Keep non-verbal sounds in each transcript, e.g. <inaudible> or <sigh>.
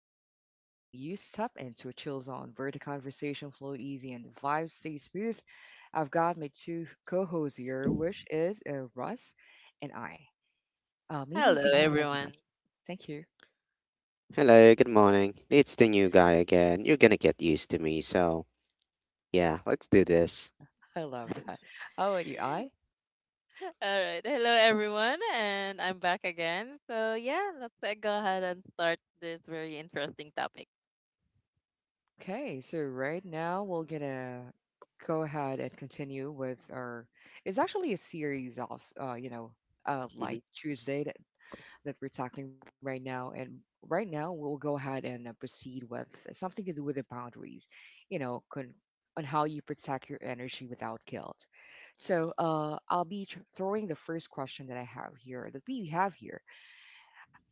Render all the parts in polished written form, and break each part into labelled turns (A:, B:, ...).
A: again, and you step into a chill zone where the conversation flow easy and the vibe stay smooth. I've got my two co-hosts here, which is Russ and I. Maybe you
B: Hello,
A: can have an
B: everyone.
A: introduction. Thank you.
C: Hello, good morning. It's the new guy again. You're gonna get used to me, so yeah, let's do this.
A: <laughs> I love that. How about you, I?
B: All right. Hello, everyone. And I'm back again. So, yeah, let's go ahead and start this very interesting topic.
A: Okay, so right now we're gonna go ahead and continue with our. It's actually a series of,
C: Hmm.
A: like Tuesday that we're tackling right now. And right now, we'll go ahead and proceed with something to do with the boundaries, you know, con- on how you protect your energy without guilt.
B: Mhm.
A: So I'll be throwing the first question that we have here.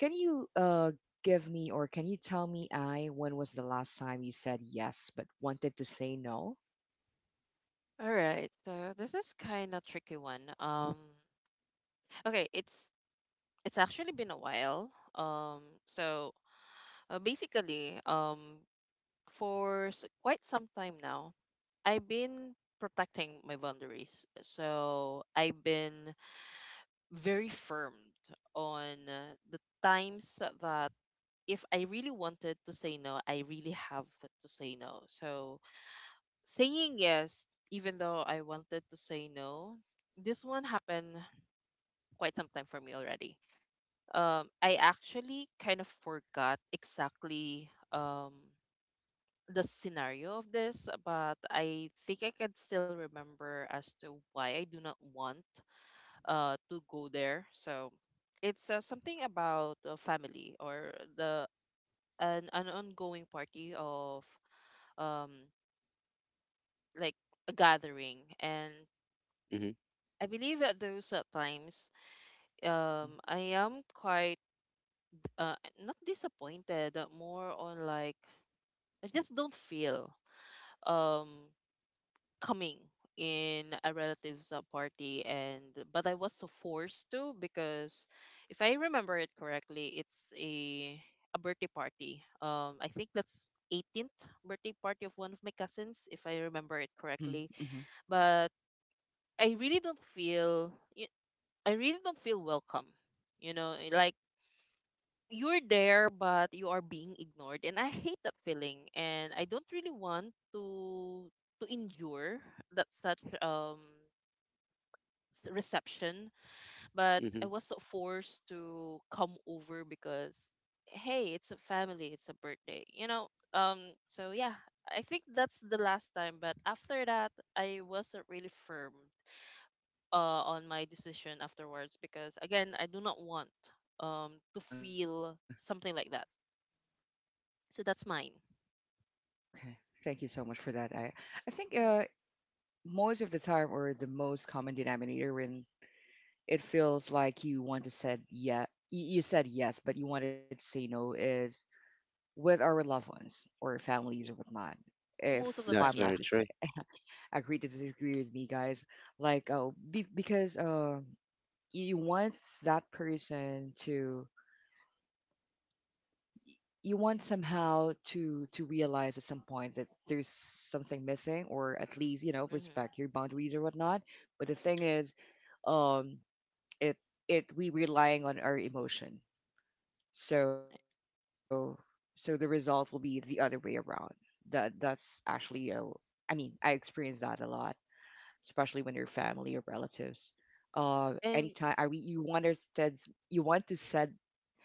A: Can you give me or can you tell me, I, when was the last time you said yes but wanted to say no?
B: All right. So, this is kind of tricky one. Okay, it's actually been a while. So basically, quite some time now, I've been protecting my boundaries. So, I've been very firm on the times that if I really wanted to say no, I really have to say no. So saying yes, even though I wanted to say no, this one happened quite some time for me already. I actually kind of forgot exactly, the scenario of this, but I think I can still remember as to why I do not want to go there. So it's, something about family, or the an ongoing party of, um like a gathering. And
C: Hmm.
B: I believe at those times,
A: hmm
B: I am quite, uh not disappointed, more on like I just don't feel, um coming in a relative's party. And but I was so forced to, because if I remember it correctly, it's a birthday party, I think that's 18th birthday party of one of my cousins, if I remember it
A: hmm
B: correctly.
A: hmm
B: But I really don't feel y- I really don't feel welcome. Like you're there, but you are being ignored, and I hate that feeling, and I don't really want to endure that such, reception. But
C: Hmm.
B: I was so forced to come over, because hey, it's a family, it's a birthday. So yeah, I think that's the last time, but after that I wasn't really firm on my decision afterwards, because again I do not want, to
A: Uh-huh.
B: feel something like that. So that's mine.
A: Okay. Thank you so much for that. I think
B: Yeah.
A: most of the time or the most common denominator when it feels like you want to said yeah you said yes but you wanted to say no is with our loved ones or families or
B: Y-
A: whatnot if
B: Most of the
A: I'm
B: time,
C: That's
A: not
B: yeah.
C: very
A: mistaken,
C: true.
A: agree to disagree with me guys, like oh because you want that person to you want somehow to realize at some point that there's something missing, or at least, you know,
B: Hmm.
A: respect your boundaries or whatnot. But the thing is, um it it we relying on our emotion. So so the result will be the other way around. That's actually a, I mean, I experience that a lot, especially when you're family or relatives.
B: And
A: Anytime I, we you want to said, you want to said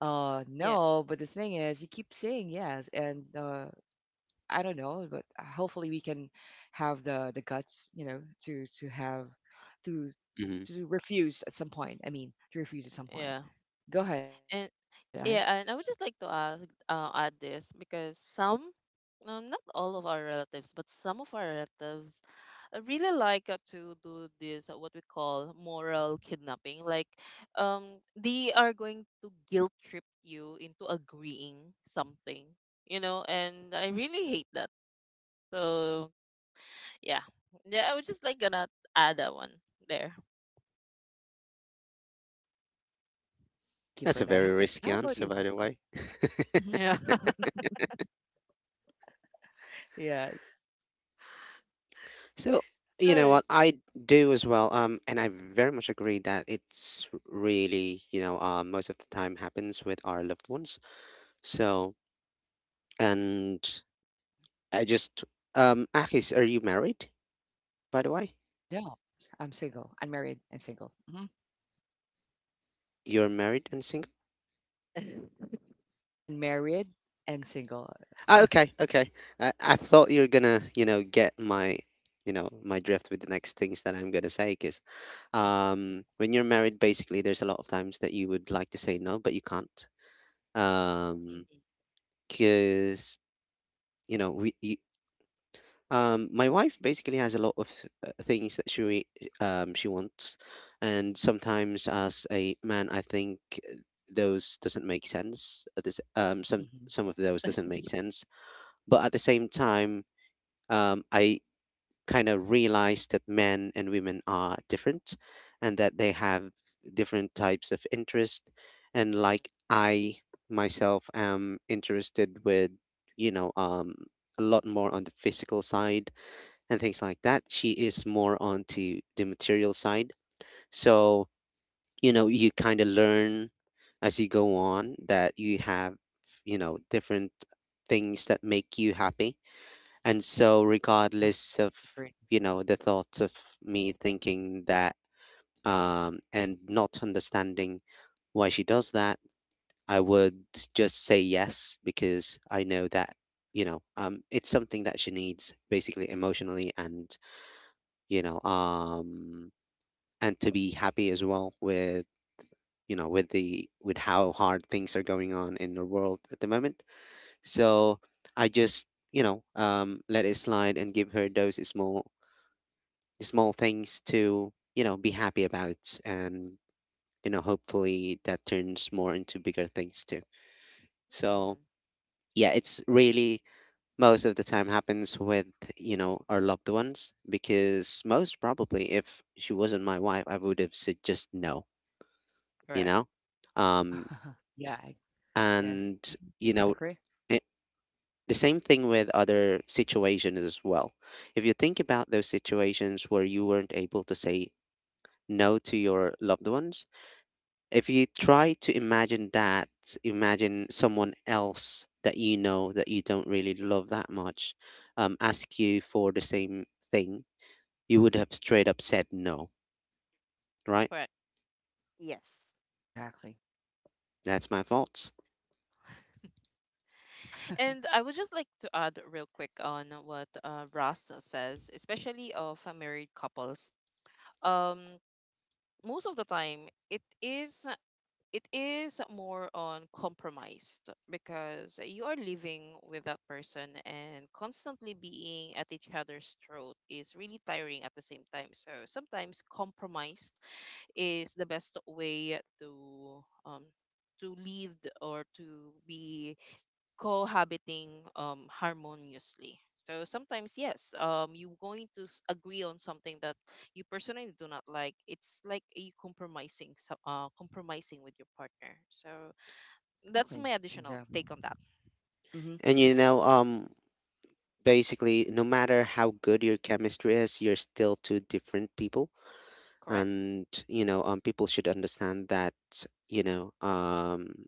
B: yeah.
A: no, but the thing is you keep saying yes, and I don't know, but hopefully we can have the guts, to have
C: Hmm.
A: to to refuse at some point. I mean, to
B: Yeah,
A: refuse at some point.
B: and
A: Go ahead, I.
B: yeah, and I would just like to ask, add this, because some, no, not all of our relatives, but some of our relatives, I really like, to do this, what we call moral kidnapping. Like, they are going to guilt trip you into agreeing something. And I really hate that. So yeah, yeah, I was just like gonna add that one there.
C: That's a very
A: Thank you for
C: risky
A: that. How
C: answer, by
A: about
C: the
A: you,
C: way.
A: Russell?
C: <laughs>
B: Yeah.
A: Hmm Yes.
C: So,
B: <laughs> All
C: you know
B: right.
C: what? I do as well. And I very much agree that it's really, most of the time happens with our loved ones. So, and I just, Akis, are you married, by the way?
A: I know. I'm single. Unmarried and single. Hmm
C: You're married and single?
B: <laughs>
A: Unmarried and single.
C: Ah, okay, okay. I thought you were gonna, get my drift with the next things that I'm gonna say, because when you're married, basically, there's a lot of times that you would like to say no, but you can't. Um,
B: Mhm.
C: because you know, we, you, my wife basically has a lot of things that she wants, and sometimes as a man, I think uh, those doesn't make sense. This some
A: Hmm
C: of those doesn't make sense, but at the same time I kind of realize that men and women are different and that they have different types of interest, and like
B: Mhm.
C: I myself am interested with, you know um a lot more on the physical side and things like that. She is more onto the material side. So you know, you kind of learn as you go on that you have, you know, different things that make you happy. And so, regardless of,
A: Agree.
C: the thoughts of me thinking that, and not understanding why she does that, I would just say yes because I know that, it's something that she needs basically emotionally, and, you know, um, and to be happy as well with, you know, with with how hard things are going on in the world at the moment. So I just, you know, let it slide and give her those small small things to, you know, be happy about. And, you know, hopefully that turns more into bigger things too. So,
B: Mhm.
C: yeah, it's really most of the time happens with, you know, our loved ones, because most probably if she wasn't my wife, I would have said just no,
B: <laughs>
C: you
B: Correct.
C: know? Um,
A: <laughs> Yeah. Yeah.
C: and,
A: hmm
C: you know,
A: Agree.
C: it, the same thing with other situations as well. If you think about those situations where you weren't able to say no to your loved ones, if you try to imagine that, imagine someone else that you know that you don't really love that much, ask you for the same thing, you would have straight up said no, right?
B: Correct. Yes.
A: Exactly.
C: That's my fault.
B: And I would just like to add real quick on what, Ross says, especially of married couples. Um, most of the time, it is more on compromised, because you are living with that person, and constantly being at each other's throat is really tiring at the same time. So sometimes compromised is the best way to lead, or to be cohabiting, harmoniously. So sometimes, yes, you're going to agree on something that you personally do not like. It's like you compromising, so, compromising with your partner. So that's my
A: Exactly.
B: additional take on
A: Exactly.
B: that.
A: hmm
C: And you know, basically, no matter how good your chemistry is, you're still two different people,
B: Correct.
C: and you know, people should understand that. You know, um,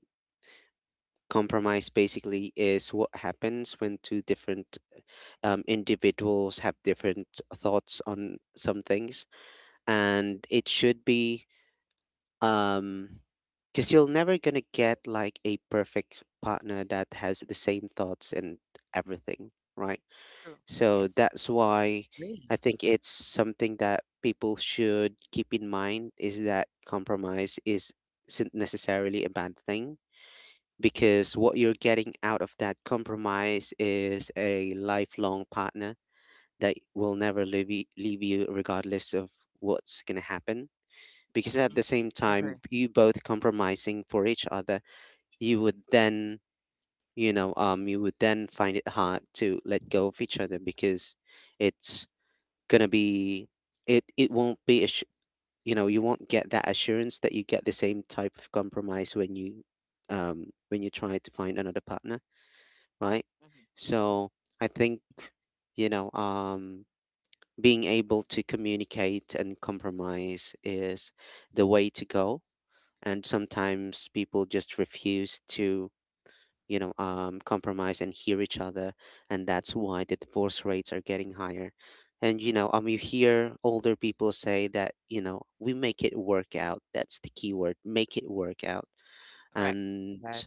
C: Compromise basically is what happens when two different individuals have different thoughts on some things, and it should be um, because you're never gonna get like a perfect partner that has the same thoughts and everything, right?
B: True.
C: So
B: Yes.
C: that's why I
A: Agree.
C: think it's something that people should keep in mind, is that compromise is not necessarily a bad thing, because what you're getting out of that compromise is a lifelong partner that will never leave you regardless of what's going to happen. Because at the
A: Hmm
C: same time
A: Agree.
C: you both compromising for each other, you would then, you would then find it hard to let go of each other, because it's going to be, it won't be assu-, you know, you won't get that assurance that you get the same type of compromise when you, when you try to find another partner, right?
B: Hmm.
C: So I think,
A: Hmm
C: you know, being able to communicate and compromise is the way to go. And sometimes people just refuse to, you know, compromise and hear each other. And that's why the divorce rates are getting higher. And, you know, you hear older people say that, you know, we make it work out. That's the key word, make it work out.
B: Correct.
A: Love
C: And
A: that.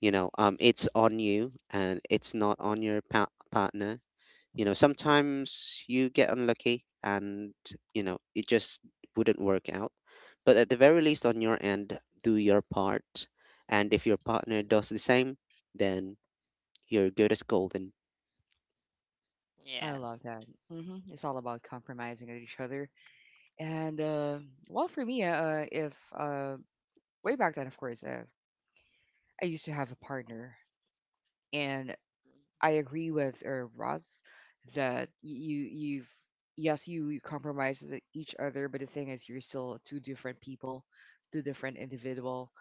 C: you know, it's on you and it's not on your pa- partner. You know, sometimes you get unlucky and, you know, it just wouldn't work out, but at the very least on your end, do your part. And if your partner does the same, then you're good as golden.
A: I
B: Yes.
A: love that. Hmm It's all about compromising with each other. And well, for me, if way back then, of course, I used to have a partner, and
B: Mhm.
A: I agree with Roz that you you've yes you compromise with each other, but the thing is you're still two different people, two different individual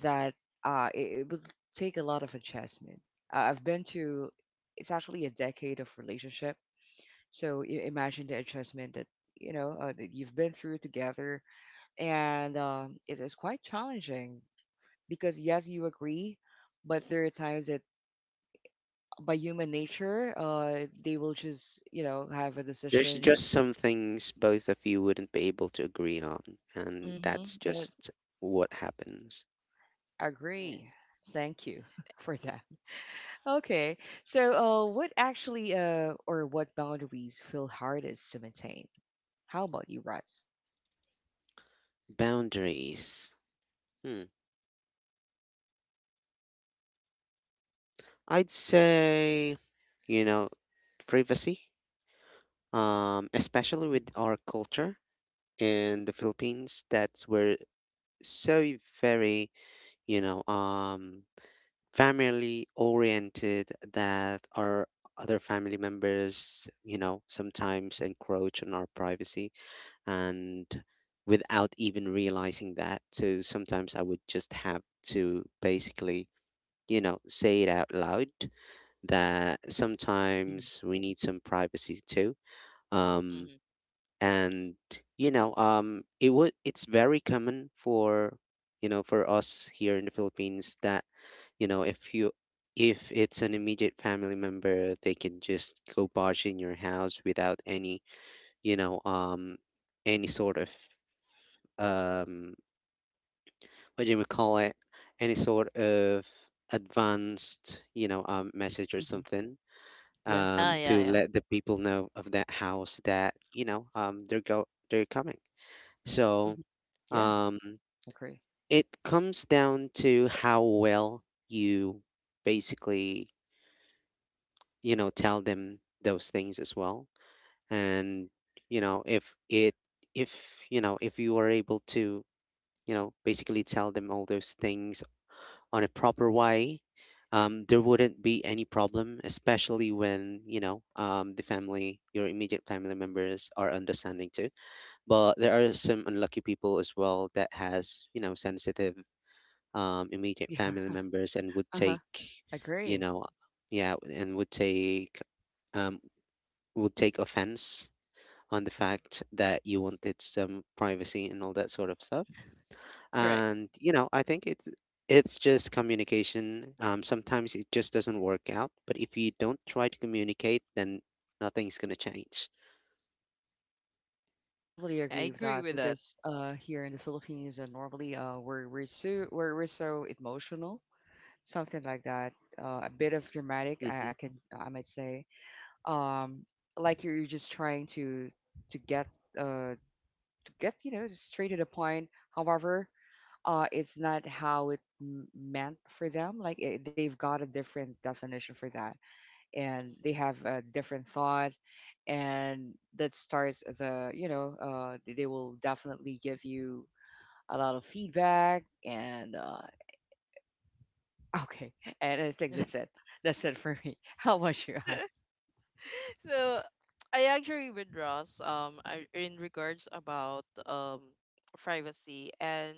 A: that it would take a lot of adjustment. I've been to it's actually a decade of relationship, so imagine the adjustment that, you know, that you've been through together, and it is quite challenging because yes you agree, but there are times by human nature, they will just, have a
C: There's
A: decision.
C: just some things both of you wouldn't be able to agree on, and
A: Mm-hmm.
C: that's
A: Yes,
C: just what happens.
A: agree.
B: Yes.
A: Thank you <laughs> for that. Okay, so what actually, or what boundaries feel hardest to maintain? How about you, Russ?
C: Boundaries. Hmm. I'd say, you know, privacy. Um, especially with
A: Mm-hmm.
C: our culture in the Philippines, that's we so very, you know, family oriented, that our other family members, you know, sometimes encroach on our privacy, and without even realizing that. So sometimes I would just have to basically, you know, say it out loud that sometimes we need some privacy too. Um,
B: Hmm.
C: and you know it would, it's very common for, you know, for us here in the Philippines that, you know, if you, if it's an immediate family member, they can just go barge in your house without any, you know um any sort of, um what do you call it, any sort of advanced, message or
A: hmm hmm
C: something,
A: Yeah.
B: Ah,
A: Uh-huh.
B: yeah,
C: to
B: yeah.
C: let the people know of that house that, they're go-, they're coming. So
A: hmm Yeah.
C: Um,
A: Agree.
C: it comes down to how well you basically, you know, tell them those things as well. And, you know, if, you know, if you are able to, you know, basically tell them all those things on a proper way, there wouldn't be any problem, especially when, you know, the family, your immediate family members are understanding too. But there are some unlucky people as well that has, you know, sensitive immediate
A: Yeah.
C: family members and
A: <laughs>
C: would
A: Uh huh.
C: take, you
A: Agree.
C: know, yeah, and um, would take offense on the fact that you wanted some privacy and all that sort of stuff.
B: Correct.
C: And you know, I think it's just communication. Sometimes it just doesn't work out, but if you don't try to communicate, then nothing's gonna change.
A: Totally
B: I
A: agree with
B: agree
A: that
B: with that.
A: because here in the Philippines, normally we're so emotional, something like that. A bit of dramatic,
C: Hmm.
A: I might say. Um, like you're just trying to get to get, straight to the point. However, it's not how it meant for them. Like they've got a different definition for that, and they have a different thought, and that starts they will definitely give you a lot of feedback and okay, and I think
B: Mhm.
A: that's it. That's it for me. <laughs> How about you? I
B: <laughs> So I actually with Ross, in regards about, privacy. And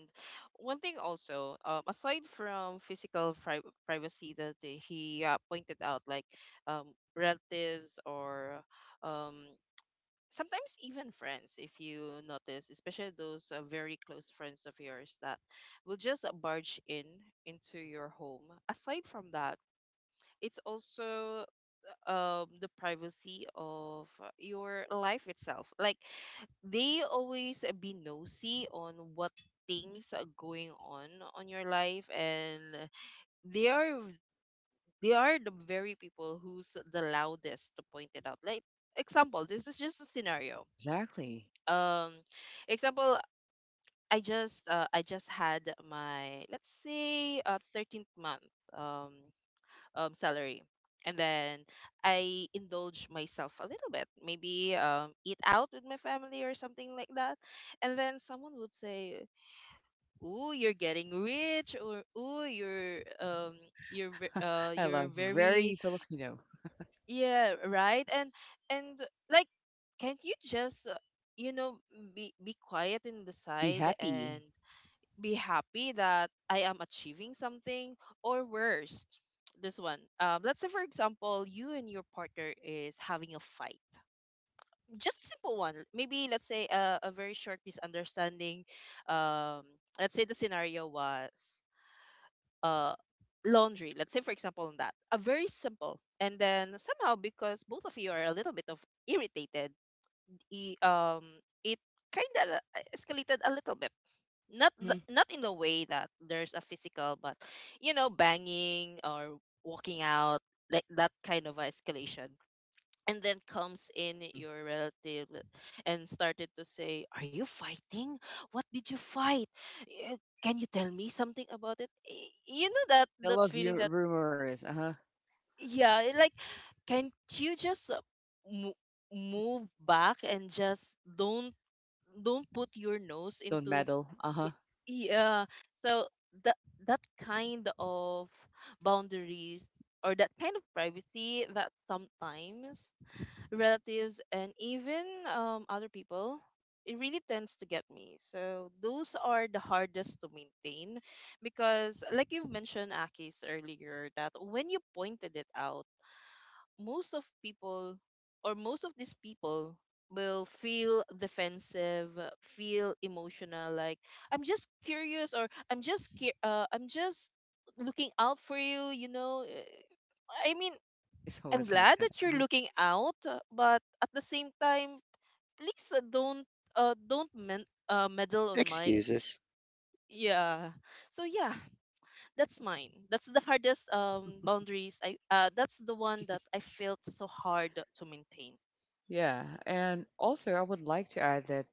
B: one thing also, aside from physical privacy that he pointed out, like relatives, or um sometimes even friends, if you notice, especially those very close friends of yours, that will just barge in into your home. Aside from that, it's also, the privacy of your life itself, like they always be nosy on what things are going on your life. And they are they are the very people who's the loudest to point it out, like, example, this is just a scenario.
A: exactly.
B: um example, I just had my, let's say, 13th month, um salary. And then I indulge myself a little bit, maybe, eat out with my family or something like that. And then someone would say, "Ooh, you're getting rich," or "Ooh, you're um, you're ve- uh,
A: I
B: you're
A: love very
B: very,
A: Filipino.
B: yeah, right." and like, can't you just, you know be quiet in the
A: Be
B: side and
A: happy.
B: be happy that I am achieving something. Or worse, this one. Let's say, for example, you and your partner is having a fight. Just a simple one. Maybe let's say a very short misunderstanding. Um, let's say the scenario was, uh, laundry. Let's say, for example, on that. A very simple. And then somehow, because both of you are a little bit of irritated, i- um, it kind of escalated a little bit,
A: Mm-hmm.
B: not in the way that there's a physical, but you know, banging or walking out, like that kind of escalation. And then comes in
A: Mm-hmm.
B: your relative and started to say, "Are you fighting? What did you fight? Eh, can you tell me something about it?" You know that
A: I
B: that
A: love
B: feeling that,
A: your rumors. Uh huh.
B: yeah, like, can't you just, mo- move back and just don't put your nose
A: Don't
B: into.
A: meddle. Uh huh.
B: Y- Yeah. So that, kind of boundaries, or that kind of privacy that sometimes relatives, and even, other people, it really tends to get me. So those are the hardest to maintain, because like you've mentioned, Akis, earlier, that when you pointed it out, most of people, or most of these people, will feel defensive, feel emotional, like, "I'm just curious," or "I'm just looking out for you, you know, I mean,
A: <laughs> It's
B: I'm
A: always
B: glad
A: like that.
B: that you're
A: Mhm.
B: looking out, but at the same time please, don't meddle on my..."
C: Excuses.
B: Yeah, so yeah, that's mine. That's the hardest, boundaries, I that's the one that I felt so hard to maintain.
A: Yeah, and also I would like to add that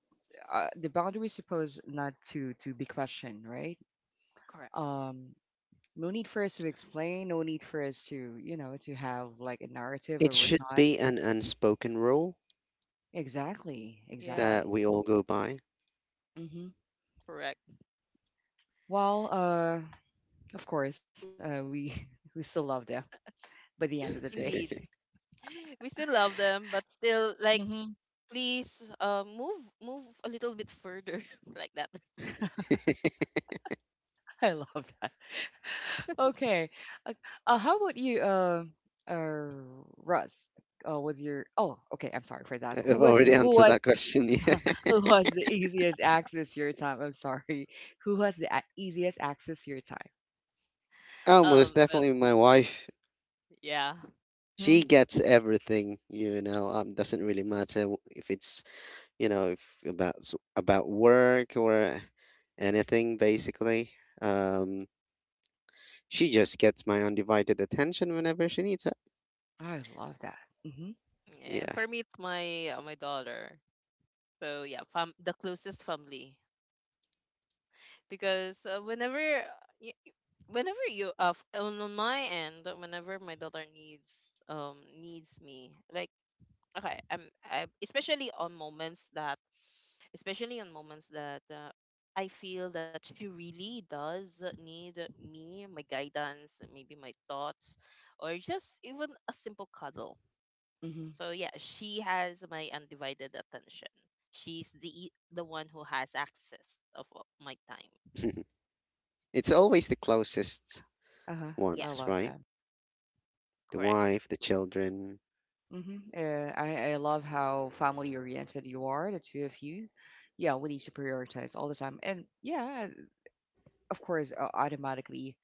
A: the boundary is supposed not to be questioned, right?
B: Correct.
A: Um, no need for us to explain. No need for us to, to have like a narrative
C: It
A: or
C: should
A: whatnot.
C: be an unspoken rule
A: Exactly.
C: that
A: Exactly.
C: we
B: Yes.
C: all go by.
A: hmm
B: Correct.
A: Well, of course, we <laughs> we still love them by the end of the day.
B: <laughs> Indeed. <laughs> We still love them, but
A: <laughs>
B: still like,
A: hmm
B: please, move a little bit further, <laughs> like that.
C: <laughs>
A: I love that. Okay. Uh, how about you, uh, Russ? Was your, oh okay? I'm sorry for that.
C: I've already <laughs> answered that question. <laughs> Yeah.
A: Who was the easiest access to your time? I'm sorry. Who has the easiest access to your time?
C: Oh, most
B: Um uh,
C: definitely my wife.
B: yeah.
A: Mm-hmm.
C: She gets everything, you know. Doesn't really matter w- if it's, you know, if about s- about work or anything. Basically, um, she just gets my undivided attention whenever she needs it.
A: I love that. Mm-hmm.
B: Yeah. And
C: Yeah,
B: for me it's my daughter. So yeah, fam the closest family. Because, y- whenever you, on my end, whenever my daughter needs me, like, okay, especially on moments that, especially on moments that uh, I feel that she really does need me, my guidance, maybe my thoughts, or just even a simple cuddle.
A: Mm-hmm.
B: So yeah, she has my undivided attention. She's the one who has access of my time.
C: <laughs> it's always the closest
A: Uh-huh.
B: Yeah,
A: I
C: ones,
A: love
C: right?
A: that.
C: The
B: correct.
C: wife, the children.
A: Hmm I love how family oriented you are, the two of you. Yeah, we need to prioritize all the time. And yeah, of course, automatically,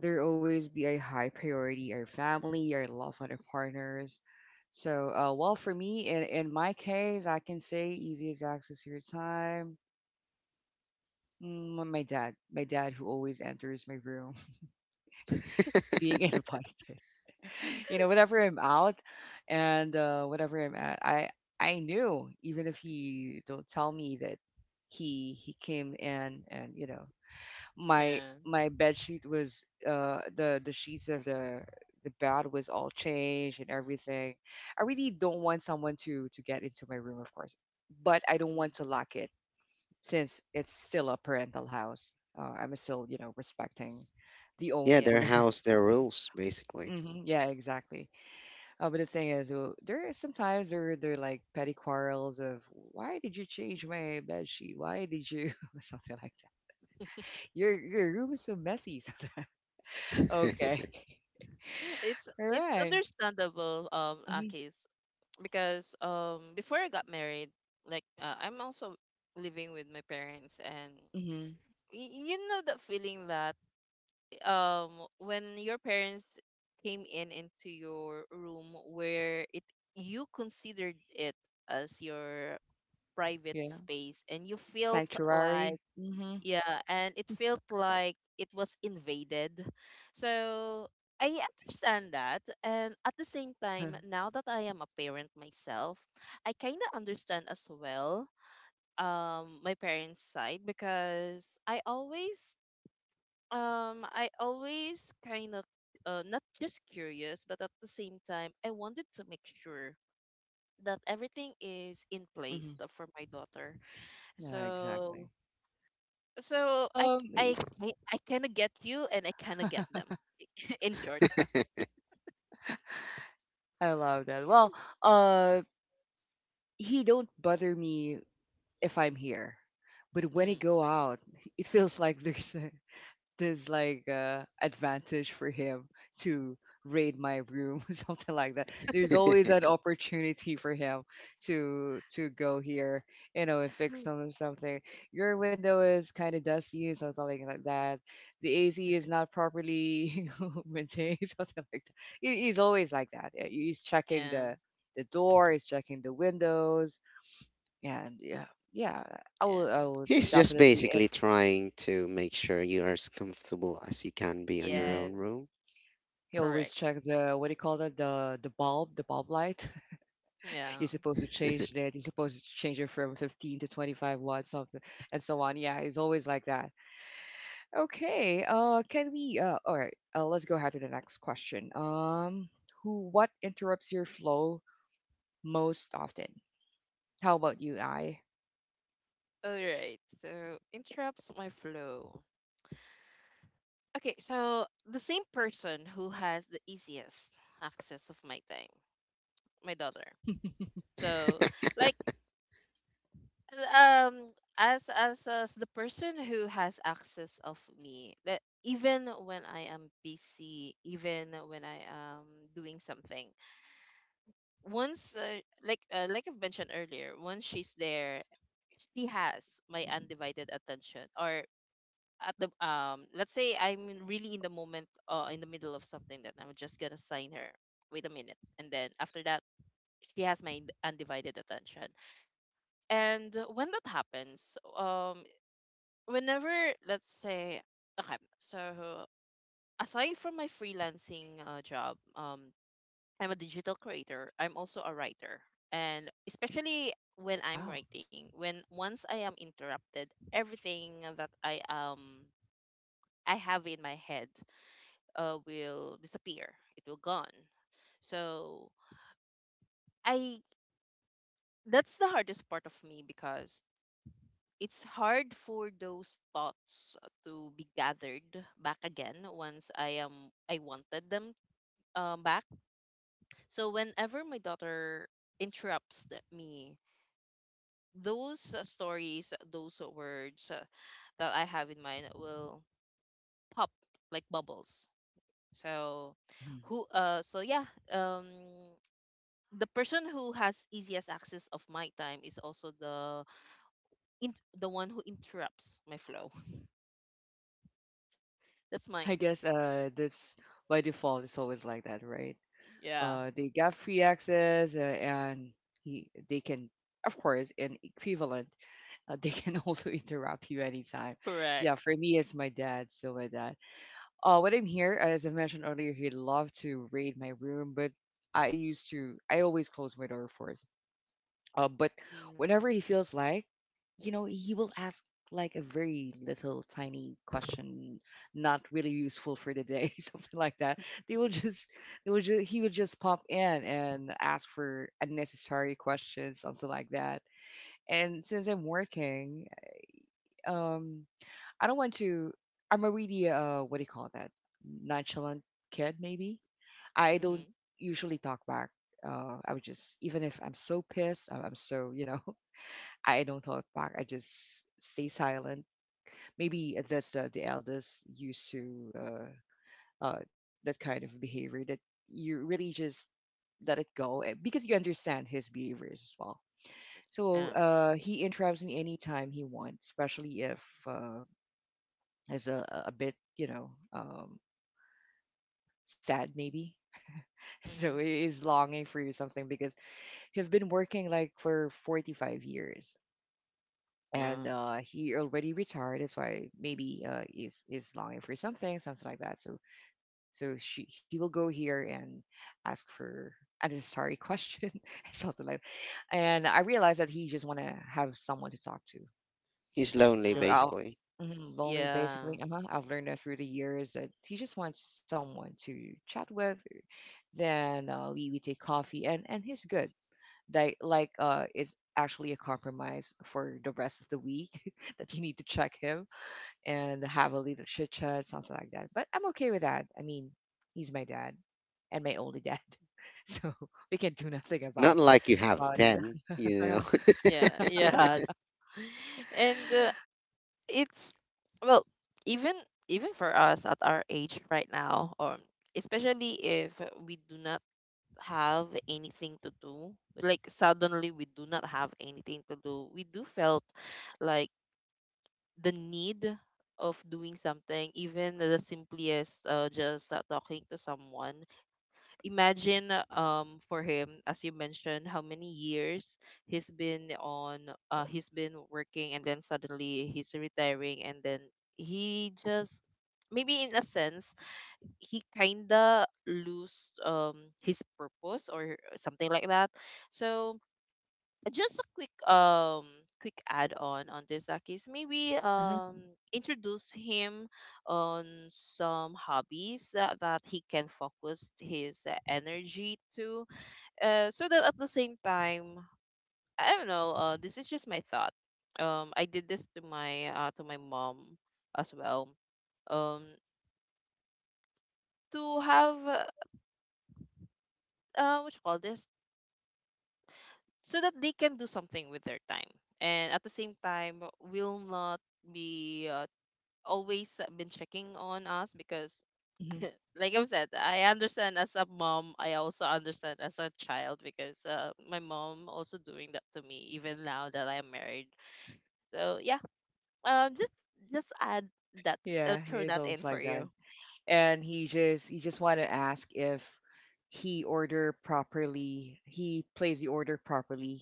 A: there always be a high priority, our family, our loved one, our partners. So, well, for me, in my case, I can say easiest access to your time. My dad, who always enters my room <laughs>
C: <laughs>
A: being invited. <laughs> You know, whenever I'm out and whenever I'm at, I knew. Even if he don't tell me that he came in, and you know my
B: Yeah.
A: my bed sheet was the sheets of the bed was all changed and everything. I really don't want someone to get into my room, of course, but I don't
B: Mm,
A: want to lock it since it's still a parental house. I'm still, respecting the
C: Yeah,
B: yeah.
A: owner.
C: their house, their rules,
A: <laughs>
C: basically.
A: hmm Yeah, exactly. Oh, but the thing is, there is sometimes there there are, like, petty quarrels of why did you change my bed sheet? Why did you <laughs> something like that? Your room is so messy. <laughs> Something. Okay.
B: It's
A: All
B: it's
A: right.
B: understandable,
A: Mm-hmm.
B: Akis, because, before I got married, like, I'm also living with my parents, and
A: Mm-hmm.
B: you know that feeling that, when your parents came in into your room, where it, you considered it as your private
A: Yeah.
B: space, and you felt like,
A: Sanctuary. Mm-hmm.
B: yeah, and it felt like it was invaded. So I understand that, and at the same
A: Uh-huh.
B: time, now that I am a parent myself, I kind of understand as well, my parents side, because I always kind of, not just curious, but at the same time, I wanted to make sure that everything is in place
A: Mm-hmm.
B: for my daughter.
A: Yeah.
B: So
A: Exactly.
B: so I
A: Um.
B: I kind of get you, and I kind of get
A: <laughs>
B: them, <laughs> in short.
A: I love that. Well, uh, he don't bother me if I'm here, but when he
B: Mm,
A: go out, <laughs> it feels like there's like a advantage for him to raid my room, <laughs> something like that. There's always an
C: <laughs>
A: opportunity for him to go here, and fix something. Your window is kind of dusty, something like that. The AC is not properly <laughs> maintained, <laughs> something like that. He's always like that. Yeah, he's checking
B: yeah.
A: the door, he's checking the windows, and yeah, yeah, i will i
B: Yeah.
A: will
C: He's just
A: definitely,
C: basically trying to make sure you are as comfortable as you can be on your own
A: if
B: Yes,
C: room.
A: he always
B: correct.
A: check the, what do you call that? The bulb light. <laughs> You're
B: Yeah.
A: supposed to change that. You're supposed to change it from 15 to 25 watts, something, and so on. Yeah, it's always like that. Okay. Can we? All right. Let's go ahead to the next question. Who? What interrupts your flow most often? How about you, I?
B: All right. So interrupts my flow. Okay, so the same person who has the easiest access of my time, my daughter.
A: <laughs>
B: So, like, um as the person who has access of me, that even when I am busy, even when I am doing something, once like I've mentioned earlier, once she's there, she has my undivided attention. Or at the, let's say I'm really in the moment, in the middle of something, that I'm just gonna sign her. Wait a minute. And then after that, she has my undivided attention. And when that happens, whenever, let's say, okay, so aside from my freelancing job, I'm a digital creator. I'm also a writer. And especially when I'm
A: Wow.
B: writing, when once I am interrupted, everything that I have in my head, will disappear. It will gone. So I That's the hardest part of me, because it's hard for those thoughts to be gathered back again, once I wanted them, back. So whenever my daughter interrupts me, those, stories, those words, that I have in mind will pop like bubbles. So
A: Mhm.
B: so yeah, um the person who has easiest access of my time is also in, the one who interrupts my flow. <laughs> That's
A: I
B: mine.
A: guess that's by default. It's always like that, right?
B: Yeah.
A: They got free access, and they can, of course, in equivalent, <laughs> they can <laughs> also interrupt you anytime.
B: Correct.
A: Yeah, for me it's my dad. So my dad, when I'm here, as I mentioned earlier, he loved to raid my room. But I used to I always close my door first, but
B: Mhm.
A: whenever he feels like, he will ask like a very little tiny question, not really useful for the day, <laughs> something like that. They will just, he would just pop in and ask for unnecessary questions, something like that. And since I'm working, um, I don't want to. I'm a really what do you call that? Nonchalant kid, maybe. I don't
B: Mhm.
A: usually talk back. I would just, even if I'm so pissed, I'm so. I don't talk back. I just stay silent. Maybe that's the eldest used to that kind of behavior that you really just let it go, because you understand his behaviors as well. So
B: Yeah.
A: he interrupts me anytime he wants, especially if uh, is a bit, sad maybe. <laughs>
B: Mhm.
A: So he is longing for you something because he've been working like for 45 years.
B: Uh,
A: And he already retired. That's why maybe he's is longing for something, something like that. So, he will go here and ask for a necessary question, <laughs> something like. And I realized that he just want to have someone to talk to.
C: He's lonely,
A: So
B: uh,
A: I'll
C: basically.
A: mhm, Lonely
B: yeah.
A: basically. Uh-huh. I've learned that through the years that he just wants someone to chat with. Then we take coffee, and he's good. They like is actually a compromise for the rest of the week <laughs> that you need to check him and have a little chit chat, something like that. But I'm okay with that. I mean, he's my dad and my only dad. <laughs> So we can do nothing
C: Not
A: about
C: like you have
A: about
C: 10, you know.
A: it. <laughs>
B: Yeah, yeah. <laughs> And it's, well, even for us at our age right now, or especially if we do not have anything to do, like suddenly we do not have anything to do, we do felt like the need of doing something, even the simplest, just talking to someone. Imagine for him, as you mentioned, how many years he's been on, he's been working, and then suddenly he's retiring, and then he just, maybe in a sense, he kinda lose his purpose or something like that. So just a quick quick add on this, Akis. Maybe
A: Hmm.
B: introduce him on some hobbies that, he can focus his energy to. So that at the same time, I don't know. This is just my thought. I did this to my mom as well. Um, to have what you call this, so that they can do something with their time, and at the same time, will not be always been checking on us because
A: Hmm.
B: <laughs> like I've said, I understand as a mom, I also understand as a child because my mom also doing that to me even now that I'm married. So yeah, uh, just just add that,
A: Yeah,
B: throw
A: he's
B: that in
A: always
B: for
A: like that.
B: you.
A: And he just you just want to ask if he plays the order properly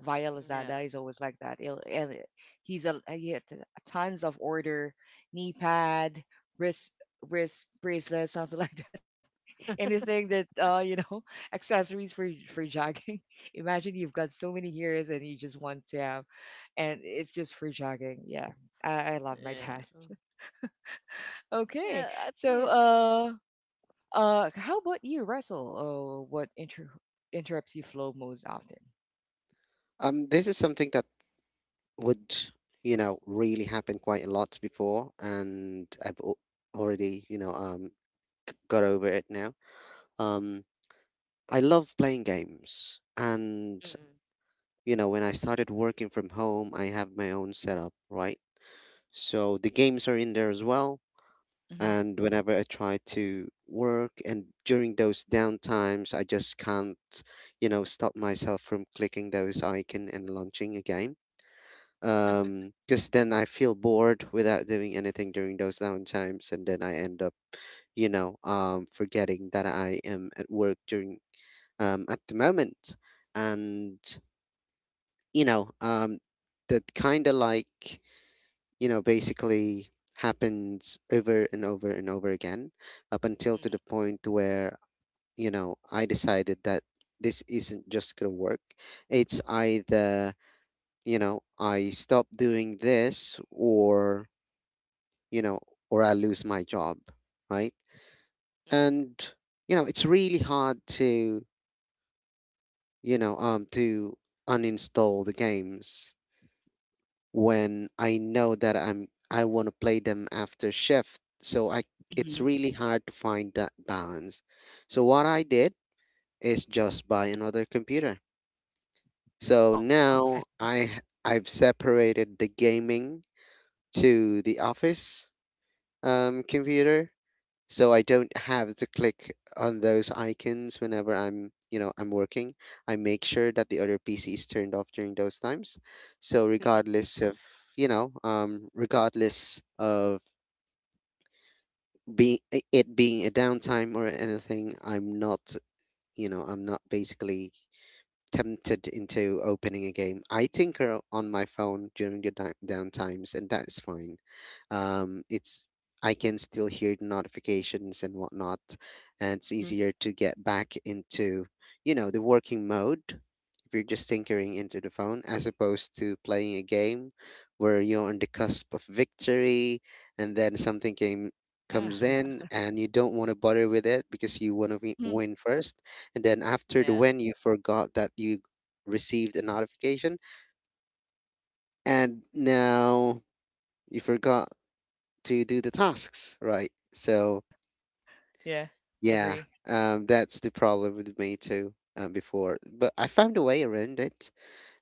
A: via
B: Yeah,
A: Lazada. He's always like that. And he had tons of order, knee pad, wrist wrist bracelet, something like that. <laughs> Anything that <laughs> accessories for jogging. <laughs> Imagine you've got so many years and you just want to have, and it's just for jogging. Yeah. I love my
B: yeah,
A: dad. <laughs> Okay,
B: yeah. At
A: so
B: least,
A: how about you, Russell? Oh, what interrupts you flow most often?
C: <laughs> Um, this is something that would, you know, really happen quite a lot before, and I've already, you know, got over it now. Um, I love playing games, and,
B: mm-hmm,
C: you know, when I started working from home, I have my own setup, right? So the games are in there as well, and whenever I try to work and during those downtimes, I just can't, you know, stop myself from clicking those icon and launching a game. Because then I feel bored without doing anything during those downtimes, and then I end up, you know, forgetting that I am at work during at the moment, and you know, that kind of like, you know, basically happens over and over and over again, up until to the point where, you know, I decided that this isn't just going to work. It's either, you know, I stop doing this, or, you know, or I lose my job, right?
B: mm-hmm,
C: And, you know, it's really hard to, you know, to uninstall the games when I know that I want to play them after shift. So I
A: Hmm.
C: it's
A: Hmm.
C: really hard to find that balance. So what I did is just buy another computer. So
A: Oh, okay.
C: now I've separated the gaming to the office computer, so I don't have to click on those icons whenever I'm, you know, I'm working. I make sure that the other PC is turned off during those times. So regardless of, you know, regardless of being it being a downtime or anything, I'm not, you know, I'm not basically tempted into opening a game. I tinker on my phone during the down times, and that's fine. It's I can still hear the notifications and whatnot, and it's
A: Mm-hmm.
C: easier to get back into the working mode if you're just tinkering into the phone as opposed to playing a game where you're on the cusp of victory and then something came
A: Yeah.
C: comes in
A: <laughs>
C: and you don't want to bother with it because you want to
A: Hmm.
C: win first, and then after the
B: <laughs> yeah,
C: when you forgot that you received a notification, and now you forgot to do the tasks, right?
A: Yeah,
C: Yeah
A: agree.
C: that's the problem with me too before, but I found a way around it,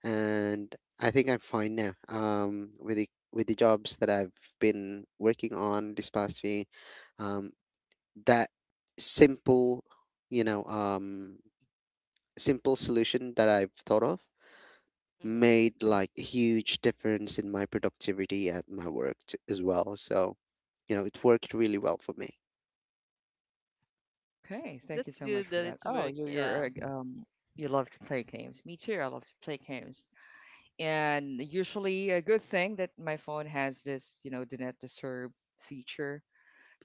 C: and I think I'm fine now with the jobs that I've been working on this past few. Um, that Simple, you know um, simple solution that I've thought of
B: mm-hmm.
C: made like a huge difference in my productivity at my work as well. So, it worked really well for me.
A: Okay, thank you
B: That's
A: so much
B: good
A: for
B: that
A: that.
B: it's
A: Oh,
B: work.
A: you're you're
B: Yeah,
A: uh, um you love to play games. Me too. I love to play games. And usually a good thing that my phone has this do not disturb feature,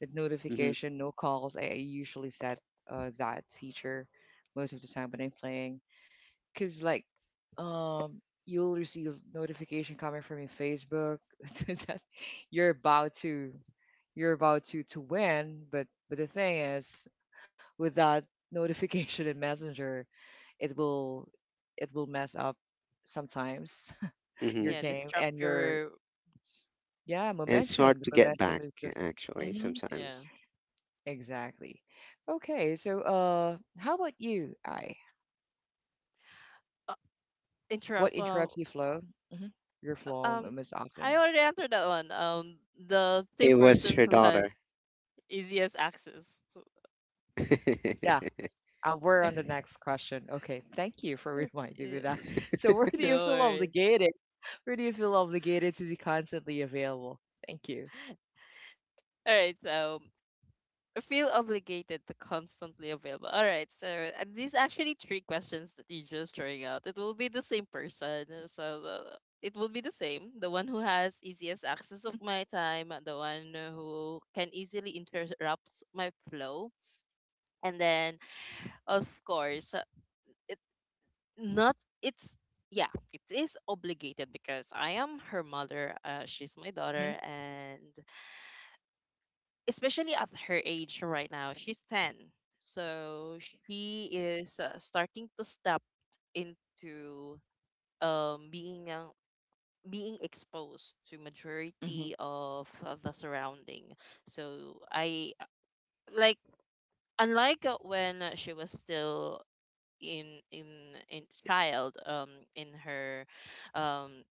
A: that
C: Mm-hmm.
A: notification, no calls. I usually set that feature most of the time when I'm playing. Because like um you'll receive notification coming from your Facebook. <laughs> That you're about to you're about to win, but the thing is with that notification in Messenger, it will it will mess up sometimes. <laughs>
C: Mm-hmm.
A: Your
B: yeah. This
A: game and your,
B: structure.
A: yeah,
C: And it's
A: momentum.
C: hard
A: The
C: to get
A: momentum
C: back
A: is different.
C: actually
A: Hmm.
B: Yeah.
C: sometimes.
A: Exactly. Okay, so how about you, I?
B: Uh,
A: What
B: interrupt.
A: interrupts hmm your flow
B: Um,
A: most
B: I
A: often?
B: already answered that one. The same
C: It was
B: person
C: her
B: who has
C: daughter.
B: easiest access. So-
C: <laughs>
A: Yeah. We're on the
B: <laughs>
A: next question. Okay, thank you for <laughs> reminding me
B: yeah,
A: that. So, where do you
B: no
A: feel
B: worries.
A: obligated? Where do you feel obligated to be constantly available? Thank you.
B: All right, so feel obligated to constantly available. All right, so these actually three questions that you just throwing out. It will be the same person. So the, it will be the same. The one who has easiest access of
A: Hmm.
B: my time, the one who can easily interrupt my flow, and then, of course. It. Not it's Yeah, it is obligated because I am her mother. She's my daughter,
A: Hmm.
B: and especially at her age right now, she's 10, so she is starting to step into being being exposed to
A: Hmm.
B: majority of the surrounding. So I, like unlike when she was still in in in child, in her um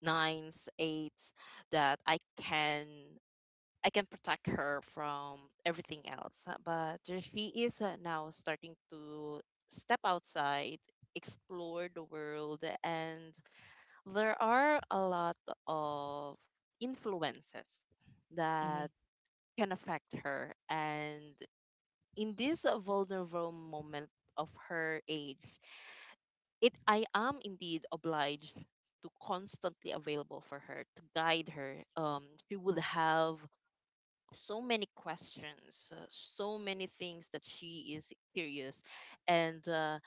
B: nines, eights, that I can, I can protect her from everything else. But she is now starting to step outside, explore the world, and there are a lot of influences
A: Hmm.
B: that can affect her. And in this vulnerable moment of her age, it I am indeed obliged to constantly available for her to guide her. She would have so many questions, so many things that she is curious, and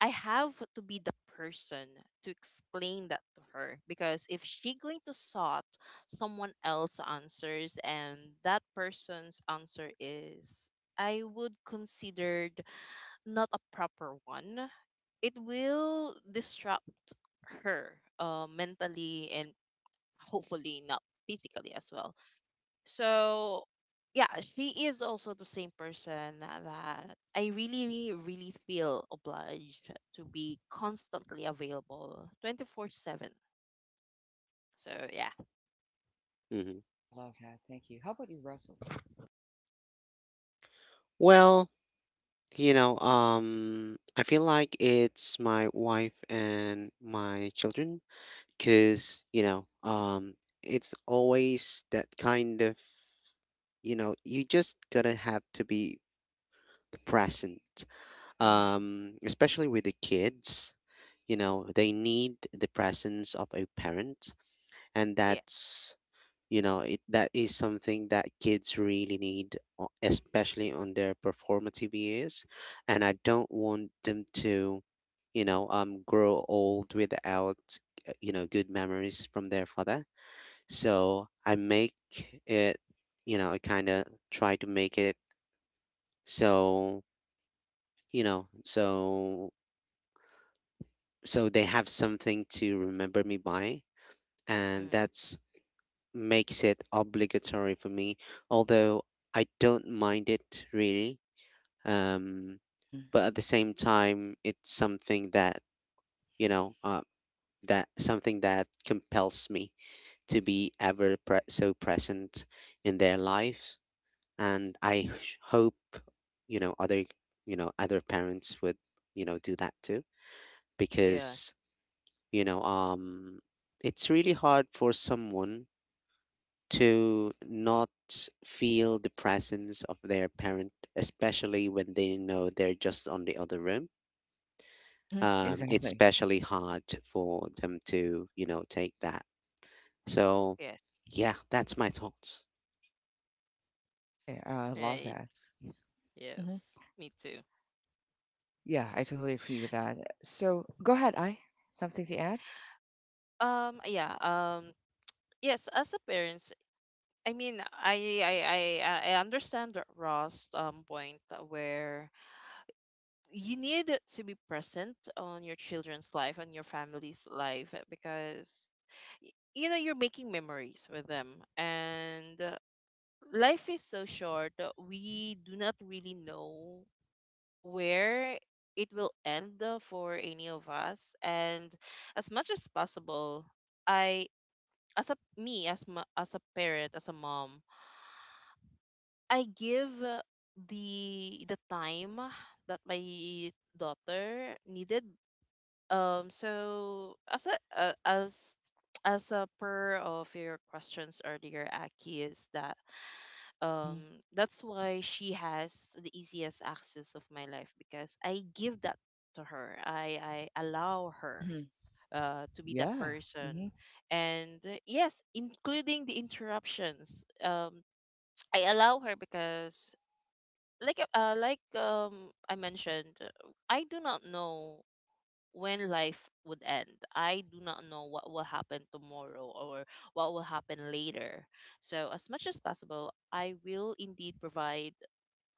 B: I have to be the person to explain that to her because if she going to sought someone else answers, and that person's answer is, I would consider, not a proper one, it will disrupt her mentally and hopefully not physically as well. So, yeah, she is also the same person that I really, really feel obliged to be constantly available 24/7. So, yeah.
C: Hmm.
A: I love that. Thank you. How about you, Russell?
C: Well, I feel like it's my wife and my children because, it's always that kind of, you just gotta have to be the present,
B: Mm-hmm.
C: especially with the kids. They need the presence of a parent, and
B: Yes.
C: that's you know it, that is something that kids really need, especially on their performative years. And I don't want them to grow old without good memories from their father, so I make it, I kind of try to make it so you know so so they have something to remember me by, and
B: Mm.
C: that's makes it obligatory for me, although I don't mind it really. um
A: Hmm.
C: but at the same time, it's something that, you know uh, that something that compels me to be so present in their life. And hope, you know other you know, other parents would, do that too,
B: Yes.
C: because you know, it's really hard for someone to not feel the presence of their parent, especially when they know they're just on the other room.
A: Hmm.
C: It's
A: Exactly.
C: especially hard for them to, take that. So,
B: Yes.
C: yeah, that's my thoughts.
A: Okay, I love
B: Right.
A: that.
B: Yes.
A: Hmm.
B: Me too.
A: Yeah, I totally agree with that. So, go ahead, I. Something to add?
B: Yeah. Yes, as a parent, I mean, I understand that Ross point where you need to be present on your children's life and your family's life because you know you're making memories with them, and life is so short. We do not really know where it will end for any of us, and as much as possible, I, as a me as ma, as a parent, as a mom, I give the time that my daughter needed. So as a as a per of your questions earlier, Aki, is that
A: Hmm.
B: that's why she has the easiest access of my life, because I give that to her. I allow her
A: Hmm.
B: to be that
A: Yeah.
B: person,
A: Hmm.
B: and yes, including the interruptions. I allow her because like I mentioned, I do not know when life would end. I do not know what will happen tomorrow or what will happen later. So as much as possible, I will indeed provide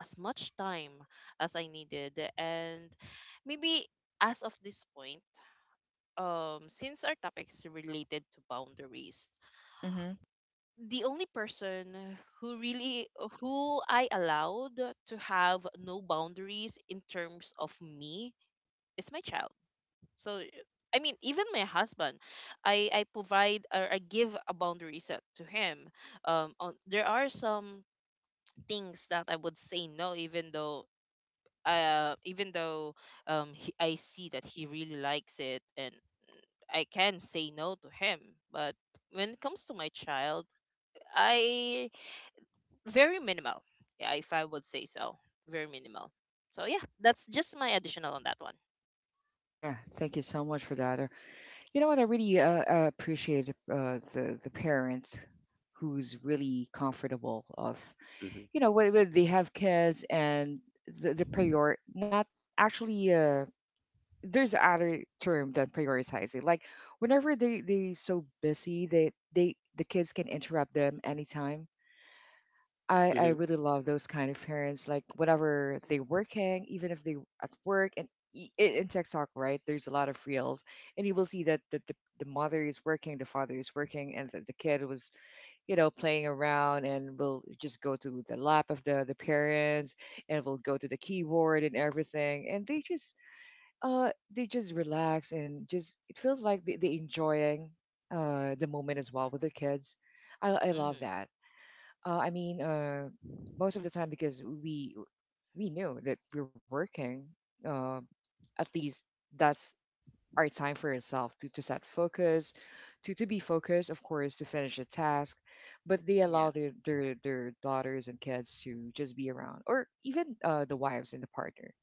B: as much time as I needed, and maybe, as of this point, since our topic is related to boundaries,
A: Hmm.
B: the only person who really, who I allowed to have no boundaries in terms of me, is my child. So I mean, even my husband, I provide, or I give a boundary set to him. On, there are some things that I would say no, even though uh even though he, I see that he really likes it, and I can say no to him. But when it comes to my child, I, very minimal. Yeah, if I would say so, very minimal. So yeah, that's just my additional on that one.
A: Yeah, thank you so much for that. You know what? I really appreciate the parents who's really comfortable of,
C: Hmm.
A: you know, when they have kids, and the prior not actually there's other term than prioritizing, like whenever they so busy, they the kids can interrupt them anytime. I
C: Hmm.
A: really love those kind of parents. Like whatever they working, even if they at work and in TikTok, right? There's a lot of reels, and you will see that the mother is working, the father is working, and the kid was playing around and will just go to the lap of the parents and will go to the keyboard and everything, and they just relax and just it feels like they enjoying the moment as well with their kids. I love
B: Mm-hmm.
A: that. I mean, most of the time because we knew that we're working. Uh, at least that's our time for itself to set focus, to be focused, of course, to finish a task. But they allow
B: Yeah.
A: their daughters and kids to just be around, or even the wives and the partner.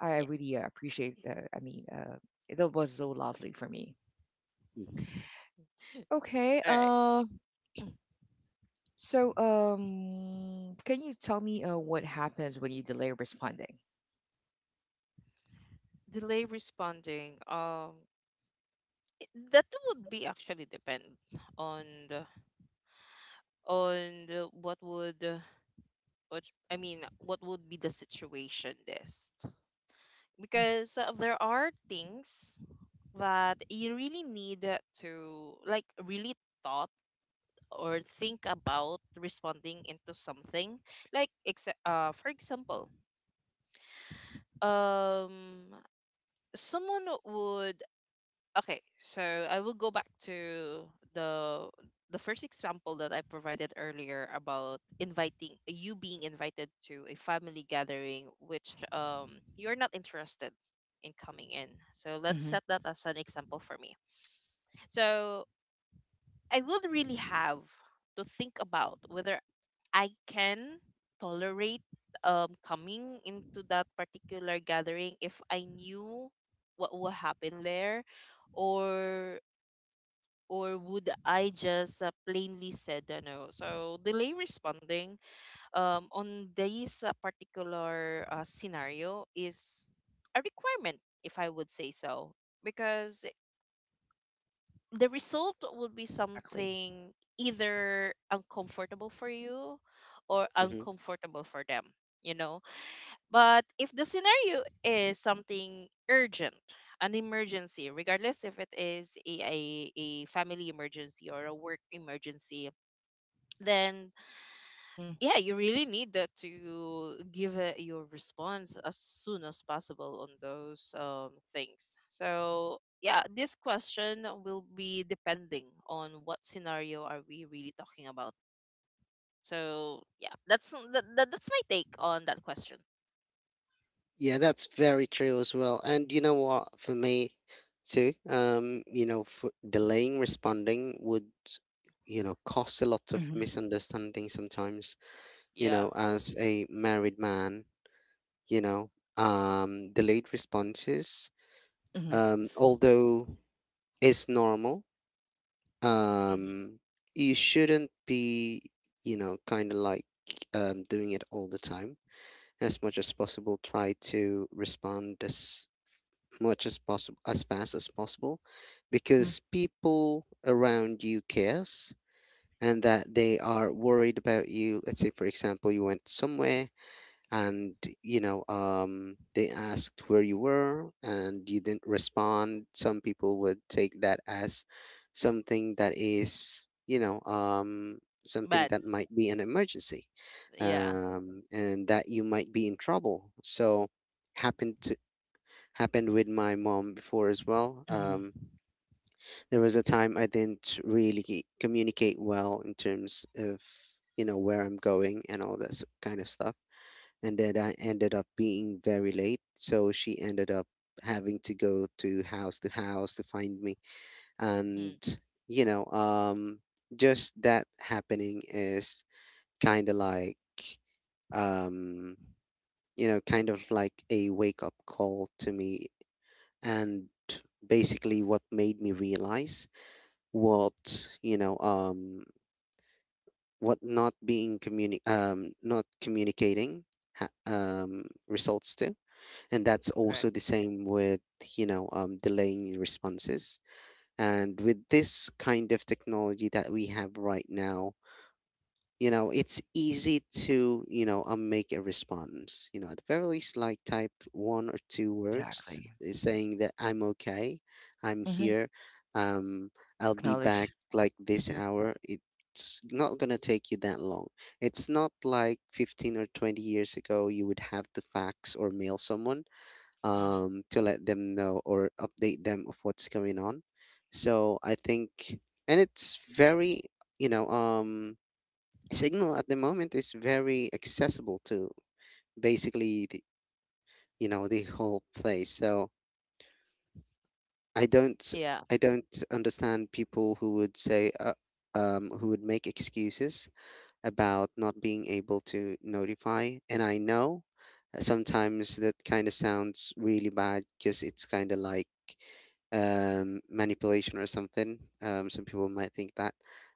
A: I
B: Yeah.
A: really appreciate that. I mean, that was so lovely for me.
C: Hmm.
B: <laughs>
A: Okay.
B: All right.
A: So, can you tell me what happens when you delay responding?
B: Delay responding. It- that would be actually depend on the, on the, what would what I mean, what would be the situation list?
A: Mm-hmm.
B: Because there are things that you really need to, like, really thought, or think about responding into something, like ex- for example, um someone would, okay, so I will go back to the the first example that I provided earlier about inviting you, being invited to a family gathering, which you're not interested in coming in. So let's
A: Mm-hmm.
B: set that as an example for me. So I would really have to think about whether I can tolerate coming into that particular gathering if I knew what would happen there, or would I just plainly said no? So delay responding on this particular scenario is a requirement, if I would say so, because the result will be
A: Exactly.
B: something either uncomfortable for you or
C: Hmm.
B: uncomfortable for them, you know. But if the scenario is something urgent, an emergency, regardless if it is a family emergency or a work emergency, then
A: Mm-hmm.
B: yeah, you really need that to give your response as soon as possible on those things. So yeah, this question will be depending on what scenario are we really talking about. So yeah, that's that, that, that's my take on that question.
C: Yeah, that's very true as well. And you know what, for me too, for delaying responding would, cause a lot of
A: Mm-hmm.
C: misunderstanding sometimes. You
B: Yeah.
C: know, as a married man, you know, delayed responses,
A: Mm-hmm.
C: although is normal,
B: Hmm.
C: um, you shouldn't be, kind of like doing it all the time. As much as possible, try to respond as much as possible, as fast as possible,
A: Mm-hmm.
C: because people around you cares and that they are worried about you. Let's say, for example, you went somewhere and they asked where you were and you didn't respond. Some people would take that as something that is, something
B: But
C: that might be an emergency,
B: yeah.
C: and that you might be in trouble. So happened to happened with my mom before as well.
A: Hmm.
C: There was a time I didn't really communicate well in terms of where I'm going and all that kind of stuff, and then I ended up being very late. So she ended up having to go to house to house to find me, and,
B: Hmm,
C: you know, um, just that happening is kind of like, um, kind of like a wake up call to me, and basically what made me realize what, what not communicating results to. And that's
B: correct.
C: also the same with, delaying responses. And with this kind of technology that we have right now, it's easy to, make a response, at the very least, like type one or two words
A: Exactly.
C: saying that I'm okay, I'm
A: Mm-hmm.
C: here, um
A: So
C: I'll be back
A: acknowledge.
C: like this
A: Mm-hmm.
C: hour. It's not gonna take you that long. It's not like 15 or 20 years ago you would have to fax or mail someone,
B: Hmm.
C: to let them know or update them of what's going on. So I think, and it's very, you know, um, Signal at the moment is very accessible to basically the, the whole place. So I don't
B: Yeah.
C: I don't understand people who would say, who would make excuses about not being able to notify. And I know sometimes that kind of sounds really bad because it's kind of like, manipulation or something. Some people might think that,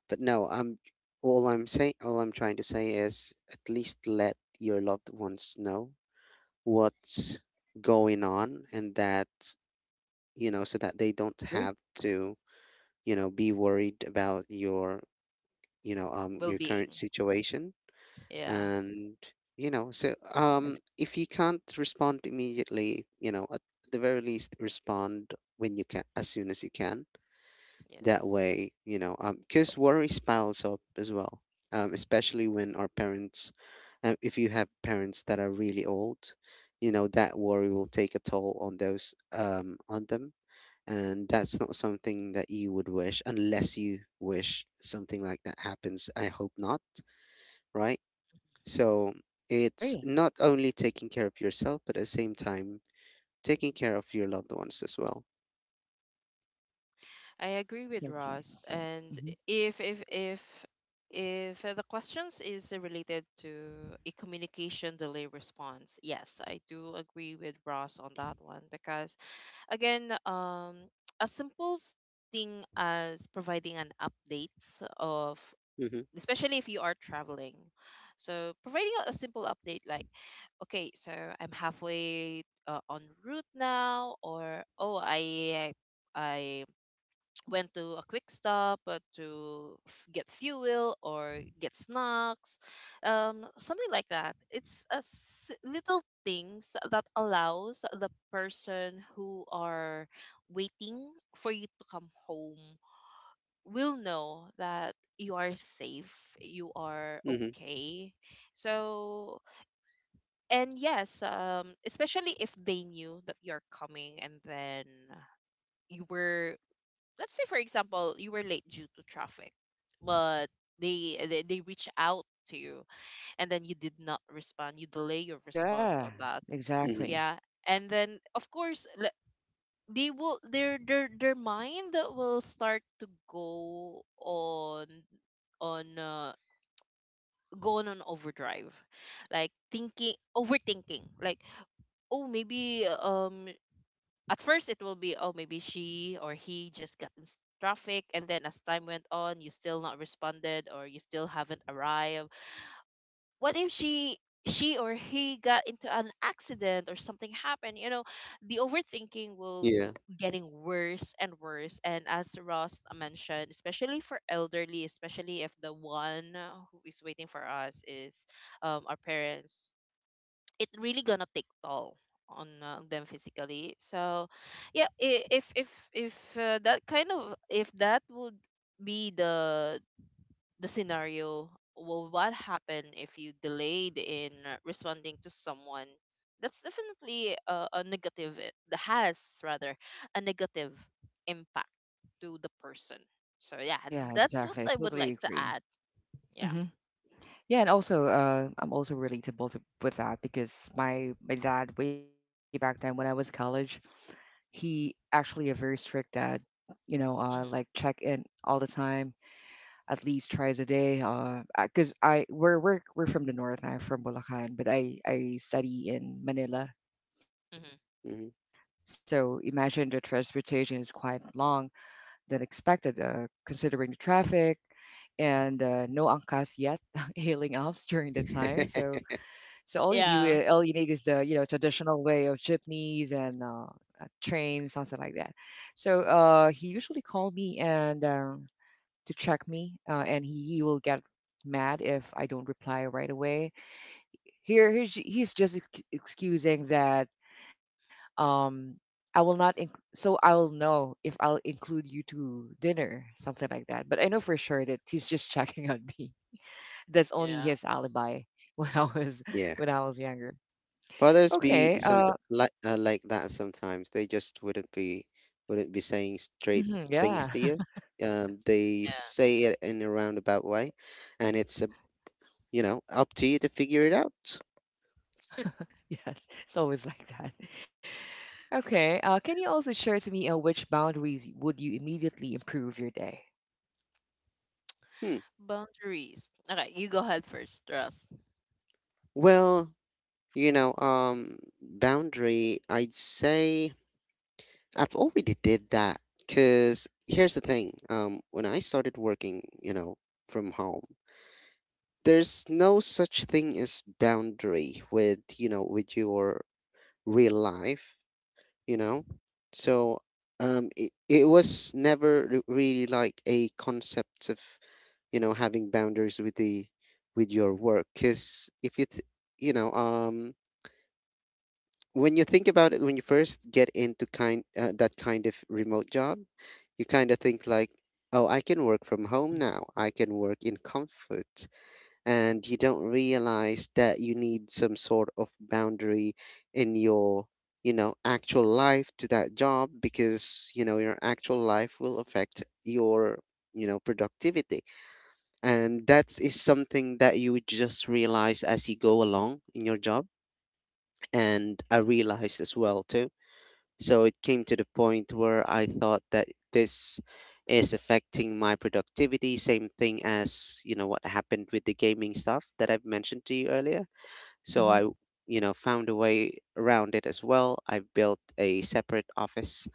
C: but no. I'm All I'm saying, all I'm trying to say is at least let your loved ones know what's going on, and that, so that they don't
A: Agree.
C: have to, be worried about your, your current
B: Well-being.
C: situation.
B: Yeah.
C: And so
A: Ex-
C: if you can't respond immediately, at the very least respond when you can, as soon as you can.
B: Yes,
C: That way, because worry piles up as well, especially when our parents, if you have parents that are really old, that worry will take a toll on those, on them. And that's not something that you would wish, unless you wish something like that happens. I hope not, right? So it's
A: Agree.
C: not only taking care of yourself, but at the same time, taking care of your loved ones as well.
B: I agree
A: Okay.
B: with
A: Thank you.
B: Ross.
A: So,
B: And
A: mhm.
B: if if if if the questions is related to a communication delay response, yes, I do agree with Ross on that one, because again, a simple s- thing as providing an updates of,
C: Mm-hmm.
B: especially if you are traveling. So providing a simple update like, okay, so I'm halfway on route now, or oh, I went to a quick stop to f- get fuel or get snacks, something like that. It's a s- little things that allows the person who are waiting for you to come home will know that you are safe, you are
C: Mm-hmm.
B: okay. So and yes, especially if they knew that you're coming and then you were, let's say for example, you were late due to traffic, but they reach out to you, and then you did not respond, you delay your respond on
A: Yeah.
B: that.
C: Mm-hmm.
A: Exactly.
B: Yeah, and then of course, le- they will, their mind will start to go on go on an overdrive, like thinking, overthinking, like, oh maybe at first it will be, oh maybe she or he just got in s- traffic, and then as time went on, you still not responded, or you still haven't arrived, what if she, she or he got into an accident or something happened, you know, the overthinking will
C: Yeah.
B: getting worse and worse. And as Ross mentioned, especially for elderly, especially if the one who is waiting for us is our parents, it really gonna take toll on them physically. So yeah, I- if that kind of, if that would be the scenario, well what happen if you delayed in responding to someone, that's definitely a negative, I- that has rather a negative impact to the person. So yeah,
A: Yeah.
B: that's what
A: Exactly. I
B: I would
A: totally
B: like to
A: agree.
B: add. Yeah.
A: Mm-hmm. Yeah, and also, I'm also relatable to with that because my dad way back then when I was college, he actually a very strict dad, like
B: Hmm.
A: check in all the time, at least twice a day. Because I we're from the north, I'm from Bulacan, but I study in Manila.
B: Hmm.
A: So imagine the transportation is quite long than expected, considering the traffic, and no angkas yet <laughs> hailing elves during the time. So
C: Mm-hmm.
A: so
B: Yeah.
A: all you need is the traditional way of jeepneys and trains, something like that. So he usually called me and to check me, and he will get mad if I don't reply right away. Here, he's just excusing that um, I will not, so I will know if I'll include you to dinner, something like that. But I know for sure that he's just <laughs> checking on me. That's only
B: Yeah.
A: his alibi <laughs> when I was
C: <laughs> Yeah.
A: when I was younger.
C: Fathers be
A: Okay.
C: some like, like that sometimes. They just wouldn't be saying
A: Mhm,
C: straight
A: yeah.
C: things to
A: <laughs>
C: you. They
B: Yeah.
C: say it in a roundabout way, and it's a, up to you to figure it out.
A: Yes. It's always like that. Okay. Can you also share to me which boundaries would you immediately improve your day?
C: Hmm.
B: Boundaries. Okay, you go ahead first, Ross.
C: Well, boundary. I'd say I've already did that. Cause here's the thing. When I started working, from home, there's no such thing as boundary with, with your real life. you know so it, it was never re- really like a concept of, you know having boundaries with the with your work. Because if you th- you know um when you think about it, when you first get into kind that kind of remote job, you kind of think like, oh, I can work from home
A: Mhm.
C: now, I can work in comfort. And you don't realize that you need some sort of boundary in your, actual life to that job, because, your actual life will affect your, productivity. And that is something that you would just realize as you go along in your job, and I realized as well too. So it came to the point where I thought that this is affecting my productivity, same thing as, what happened with the gaming stuff that I've mentioned to you earlier. So I,
A: Mhm.
C: found a way around it as well. I built a separate office,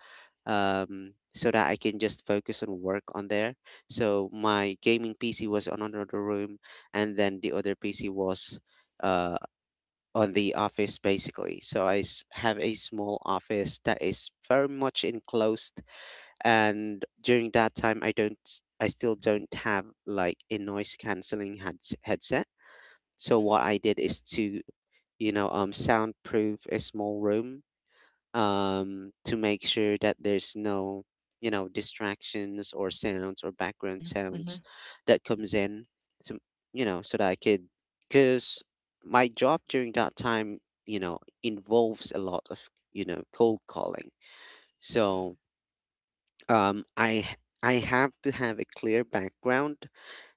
C: so that I can just focus on work on there. So my gaming PC was on another room, and then the other PC was Uh, on the office basically. So I have a small office that is very much enclosed, and during that time, I don't, s- I still don't have like a noise canceling headset. So
B: Mm-hmm.
C: what I did is to, soundproof a small room, to make sure that there's no, distractions or sounds or background
A: Mhm.
C: sounds
A: Mhm.
C: that comes in to, so that I could, because my job during that time, involves a lot of, cold calling. So, I have to have a clear background,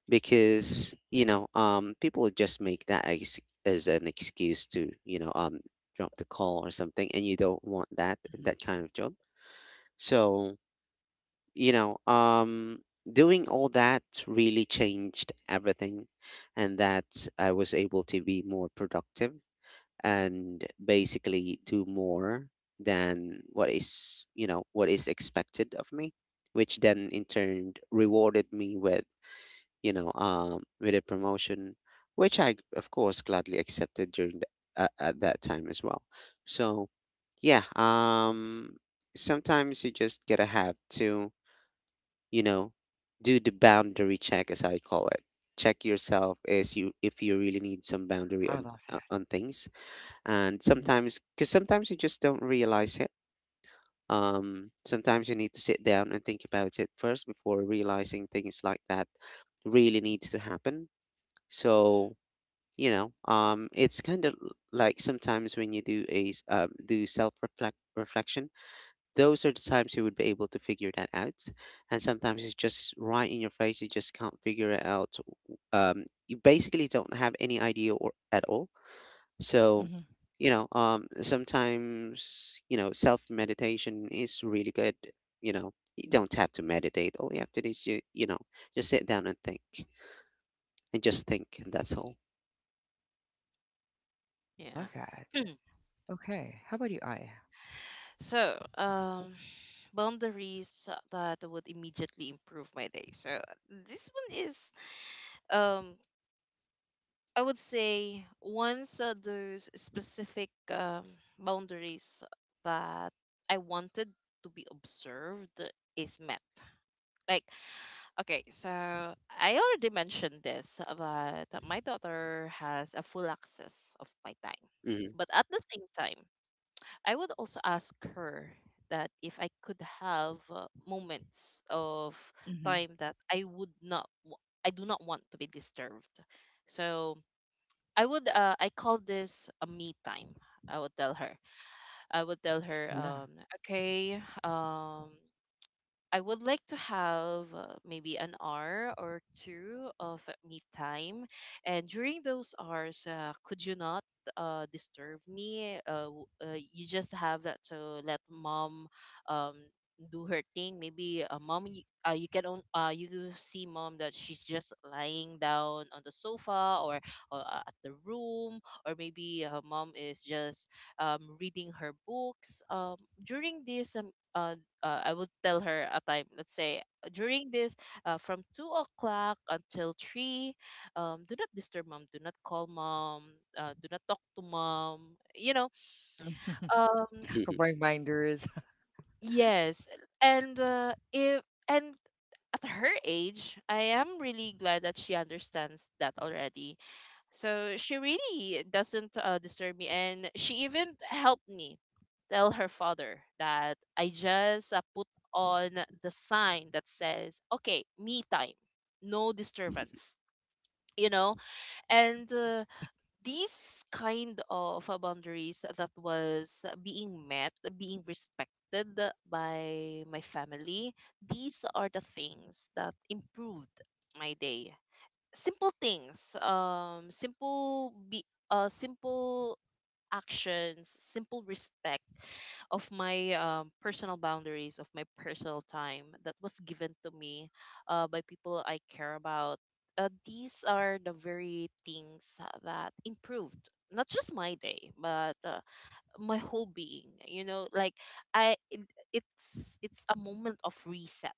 C: because, people just make that as an excuse to, drop the call or something, and you don't want that,
A: Mhm.
C: that kind of job. So, you know, um, doing all that really changed everything, and that I was able to be more productive and basically do more than what is, what is expected of me, which then in turn rewarded me with, with a promotion, which I, of course, gladly accepted during the, at that time as well. So, yeah, sometimes you just gotta have to, you know do the boundary check, as I call it. Check yourself as you if you really need some boundary
A: I
C: on,
A: love that.
C: on things. And
A: Mhm.
C: sometimes, because sometimes you just don't realize it, sometimes you need to sit down and think about it first before realizing things like that really needs to happen.
B: Mm-hmm.
C: So, it's kind of like sometimes when you do a do self reflection, those are the times you would be able to figure that out. And sometimes it's just right in your face. You just can't figure it out. You basically don't have any idea or at all. So,
A: Mhm.
C: sometimes, self meditation is really good. You know, you don't have to meditate. All you have to do is, you, just sit down and think, and just think, and that's all.
A: I love that.
B: Yeah. <clears throat>
A: Okay. How about you, I?
B: So, boundaries that would immediately improve my day. So this one is, um, I would say, once those specific boundaries that I wanted to be observed is met. Like, okay, so I already mentioned this, but my daughter has a full access of my time. But at the same time, I would also ask her that if I could have moments of
A: Hmm.
B: time that I would not, wa- I do not want to be disturbed. So I would, I call this a me time. I would tell her. I would tell her,
A: Yeah.
B: okay, I would like to have maybe an hour or 2 of me time. And during those hours, could you not disturb me? You just have that to let mom um, do her thing. Maybe mom, y- you can on, you do see mom that she's just lying down on the sofa, or at the room, or maybe her mom is just reading her books. During this I would tell her a time. Let's say during this, from 2 o'clock until three, do not disturb mom. Do not call mom. Do not talk to mom. You know.
A: Mhm.
B: Um.
C: Mm-hmm.
A: <laughs> Reminders.
B: Yes. And if and at her age, I am really glad that she understands that already. So she really doesn't disturb me, and she even helped me tell her father that I just put on the sign that says, "Okay, me time, no disturbance." You know, and
A: <laughs>
B: these kind of boundaries that was being met, being respected by my family, these are the things that improved my day. Simple things, simple be simple actions, simple respect of my personal boundaries, of my personal time that was given to me by people I care about, these are the very things that improved not just my day but my whole being, you know. Like I it, it's a moment of reset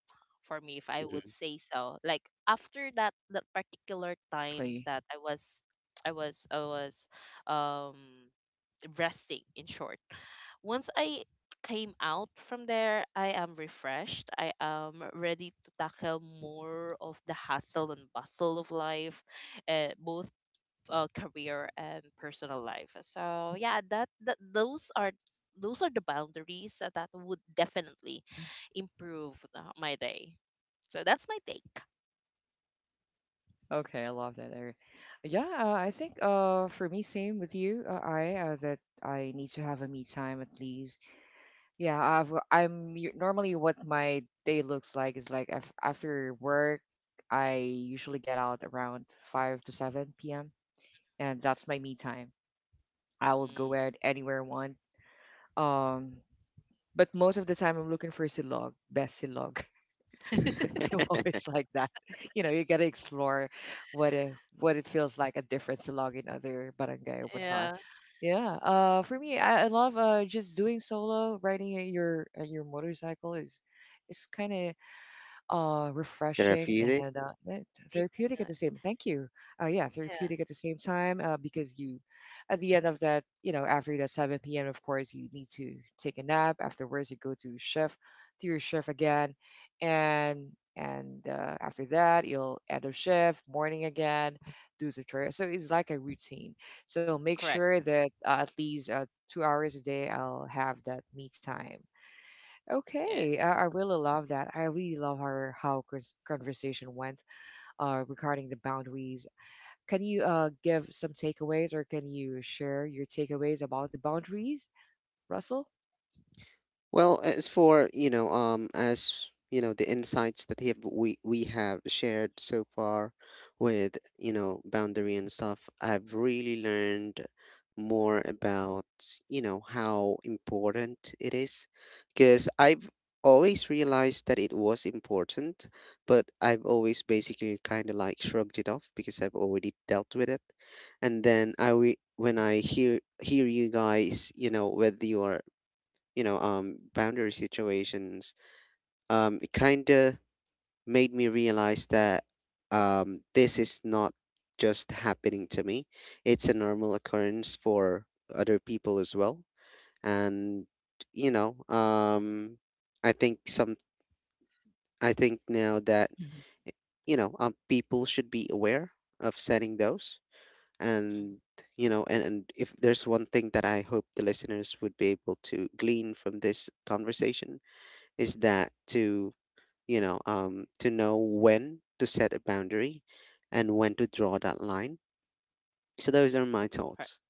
B: for me, if I would
C: <laughs>
B: say so. Like after that, that particular time
A: Exactly.
B: that I was um resting, in short, once I came out from there, I am refreshed, I am ready to tackle more of the hustle and bustle of life, both career and personal life. So yeah, that, that those are the boundaries that, would definitely
A: Mm-hmm.
B: improve my day. So that's my take.
A: Okay, I love that area. Yeah, I think for me same with you. I need to have a me time at least. Yeah, normally what my day looks like is like af after work, I usually get out around 5 to 7 p.m. and that's my me time. I will go
B: Mm.
A: out anywhere I want. Um, but most of the time I'm looking for silog, best silog. <laughs> I'm always like that. You know, you gotta explore what it what it feels like a difference to log in other barangay or whatnot.
B: Yeah,
A: Yeah. For me, I love just doing solo riding at your motorcycle is kind of refreshing
C: Therapeutic.
A: and
B: yeah,
A: therapeutic at the same. Thank you. Yeah,
B: yeah.
A: therapeutic at the same time because you, at the end of that, after that 7 p.m., of course, you need to take a nap. Afterwards, you go to shift, to your shift again, and and after that, you'll end of shift, morning again, do some chores. So it's like a routine. So make
B: Correct.
A: sure that at least 2 hours a day, I'll have that me time.
B: Yes.
A: Okay, I really love that. I really love our how conversation went regarding the boundaries. Can you give some takeaways, or can you share your takeaways about the boundaries, Russell?
C: Well, as for, as you know, the insights that he have, we have shared so far with, boundary and stuff, I've really learned more about, how important it is, because I've always realized that it was important, but I've always basically kind of like shrugged it off because I've already dealt with it. And then I, when I hear you guys, you know, whether you are, boundary situations, it kind of made me realize that, this is not just happening to me, it's a normal occurrence for other people as well. And, you know um I think some I think now that,
A: Mhm.
C: eh, people should be aware of setting those, and,
B: Mm.
C: and, if there's one thing that I hope the listeners would be able to glean from this conversation is that to, to know when to set a boundary and when to draw that line. So those are my
B: Correct.
C: thoughts.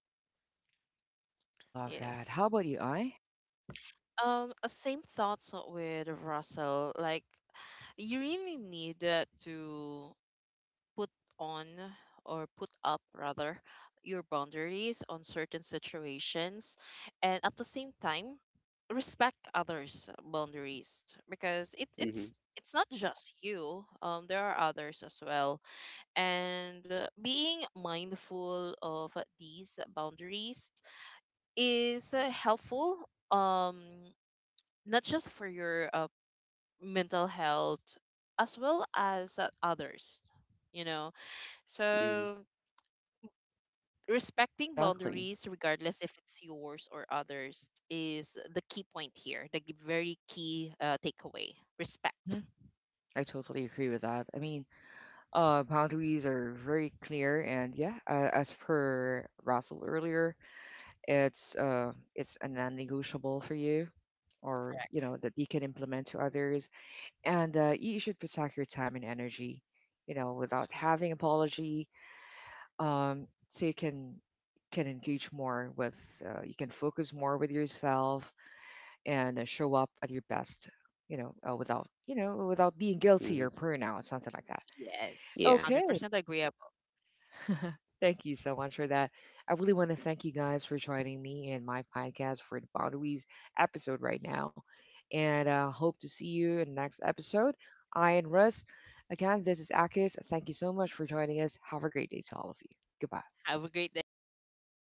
A: I love that.
B: Yes.
A: How about you, I?
B: Same thoughts with Russell. Like, you really need to put on, or put up rather, your boundaries on certain situations, and at the same time, respect others boundaries, because
C: Mm-hmm.
B: it's not just you, there are others as well, and being mindful of these boundaries is helpful, um not just for your mental health, as well as others, you know.
C: Mm-hmm.
B: So respecting
A: Exactly.
B: boundaries, regardless if it's yours or others, is the key point here, the g- very key takeaway, respect.
A: Hmm. I totally agree with that. I mean, boundaries are very clear, and yeah, as per Russell earlier, it's a non-negotiable for you, or you know that you can implement to others. And you should protect your time and energy, without
B: Mhm.
A: having apology, so you can engage more you can focus more with yourself and show up at your best, you know, without you know without being guilty
C: Mm-hmm.
A: or burnout, something like that.
B: Yes,
C: Yeah,
A: Okay.
B: 100% agreeable.
A: <laughs> Thank you so much for that. I really want to thank you guys for joining me and my podcast for the Boundaries episode right now. And hope to see you in the next episode. I and Russ, again, this is Akis. Thank you so much for joining us. Have a great day to all of you. Goodbye.
B: Have a great day,
C: thank you, bye.
B: everyone.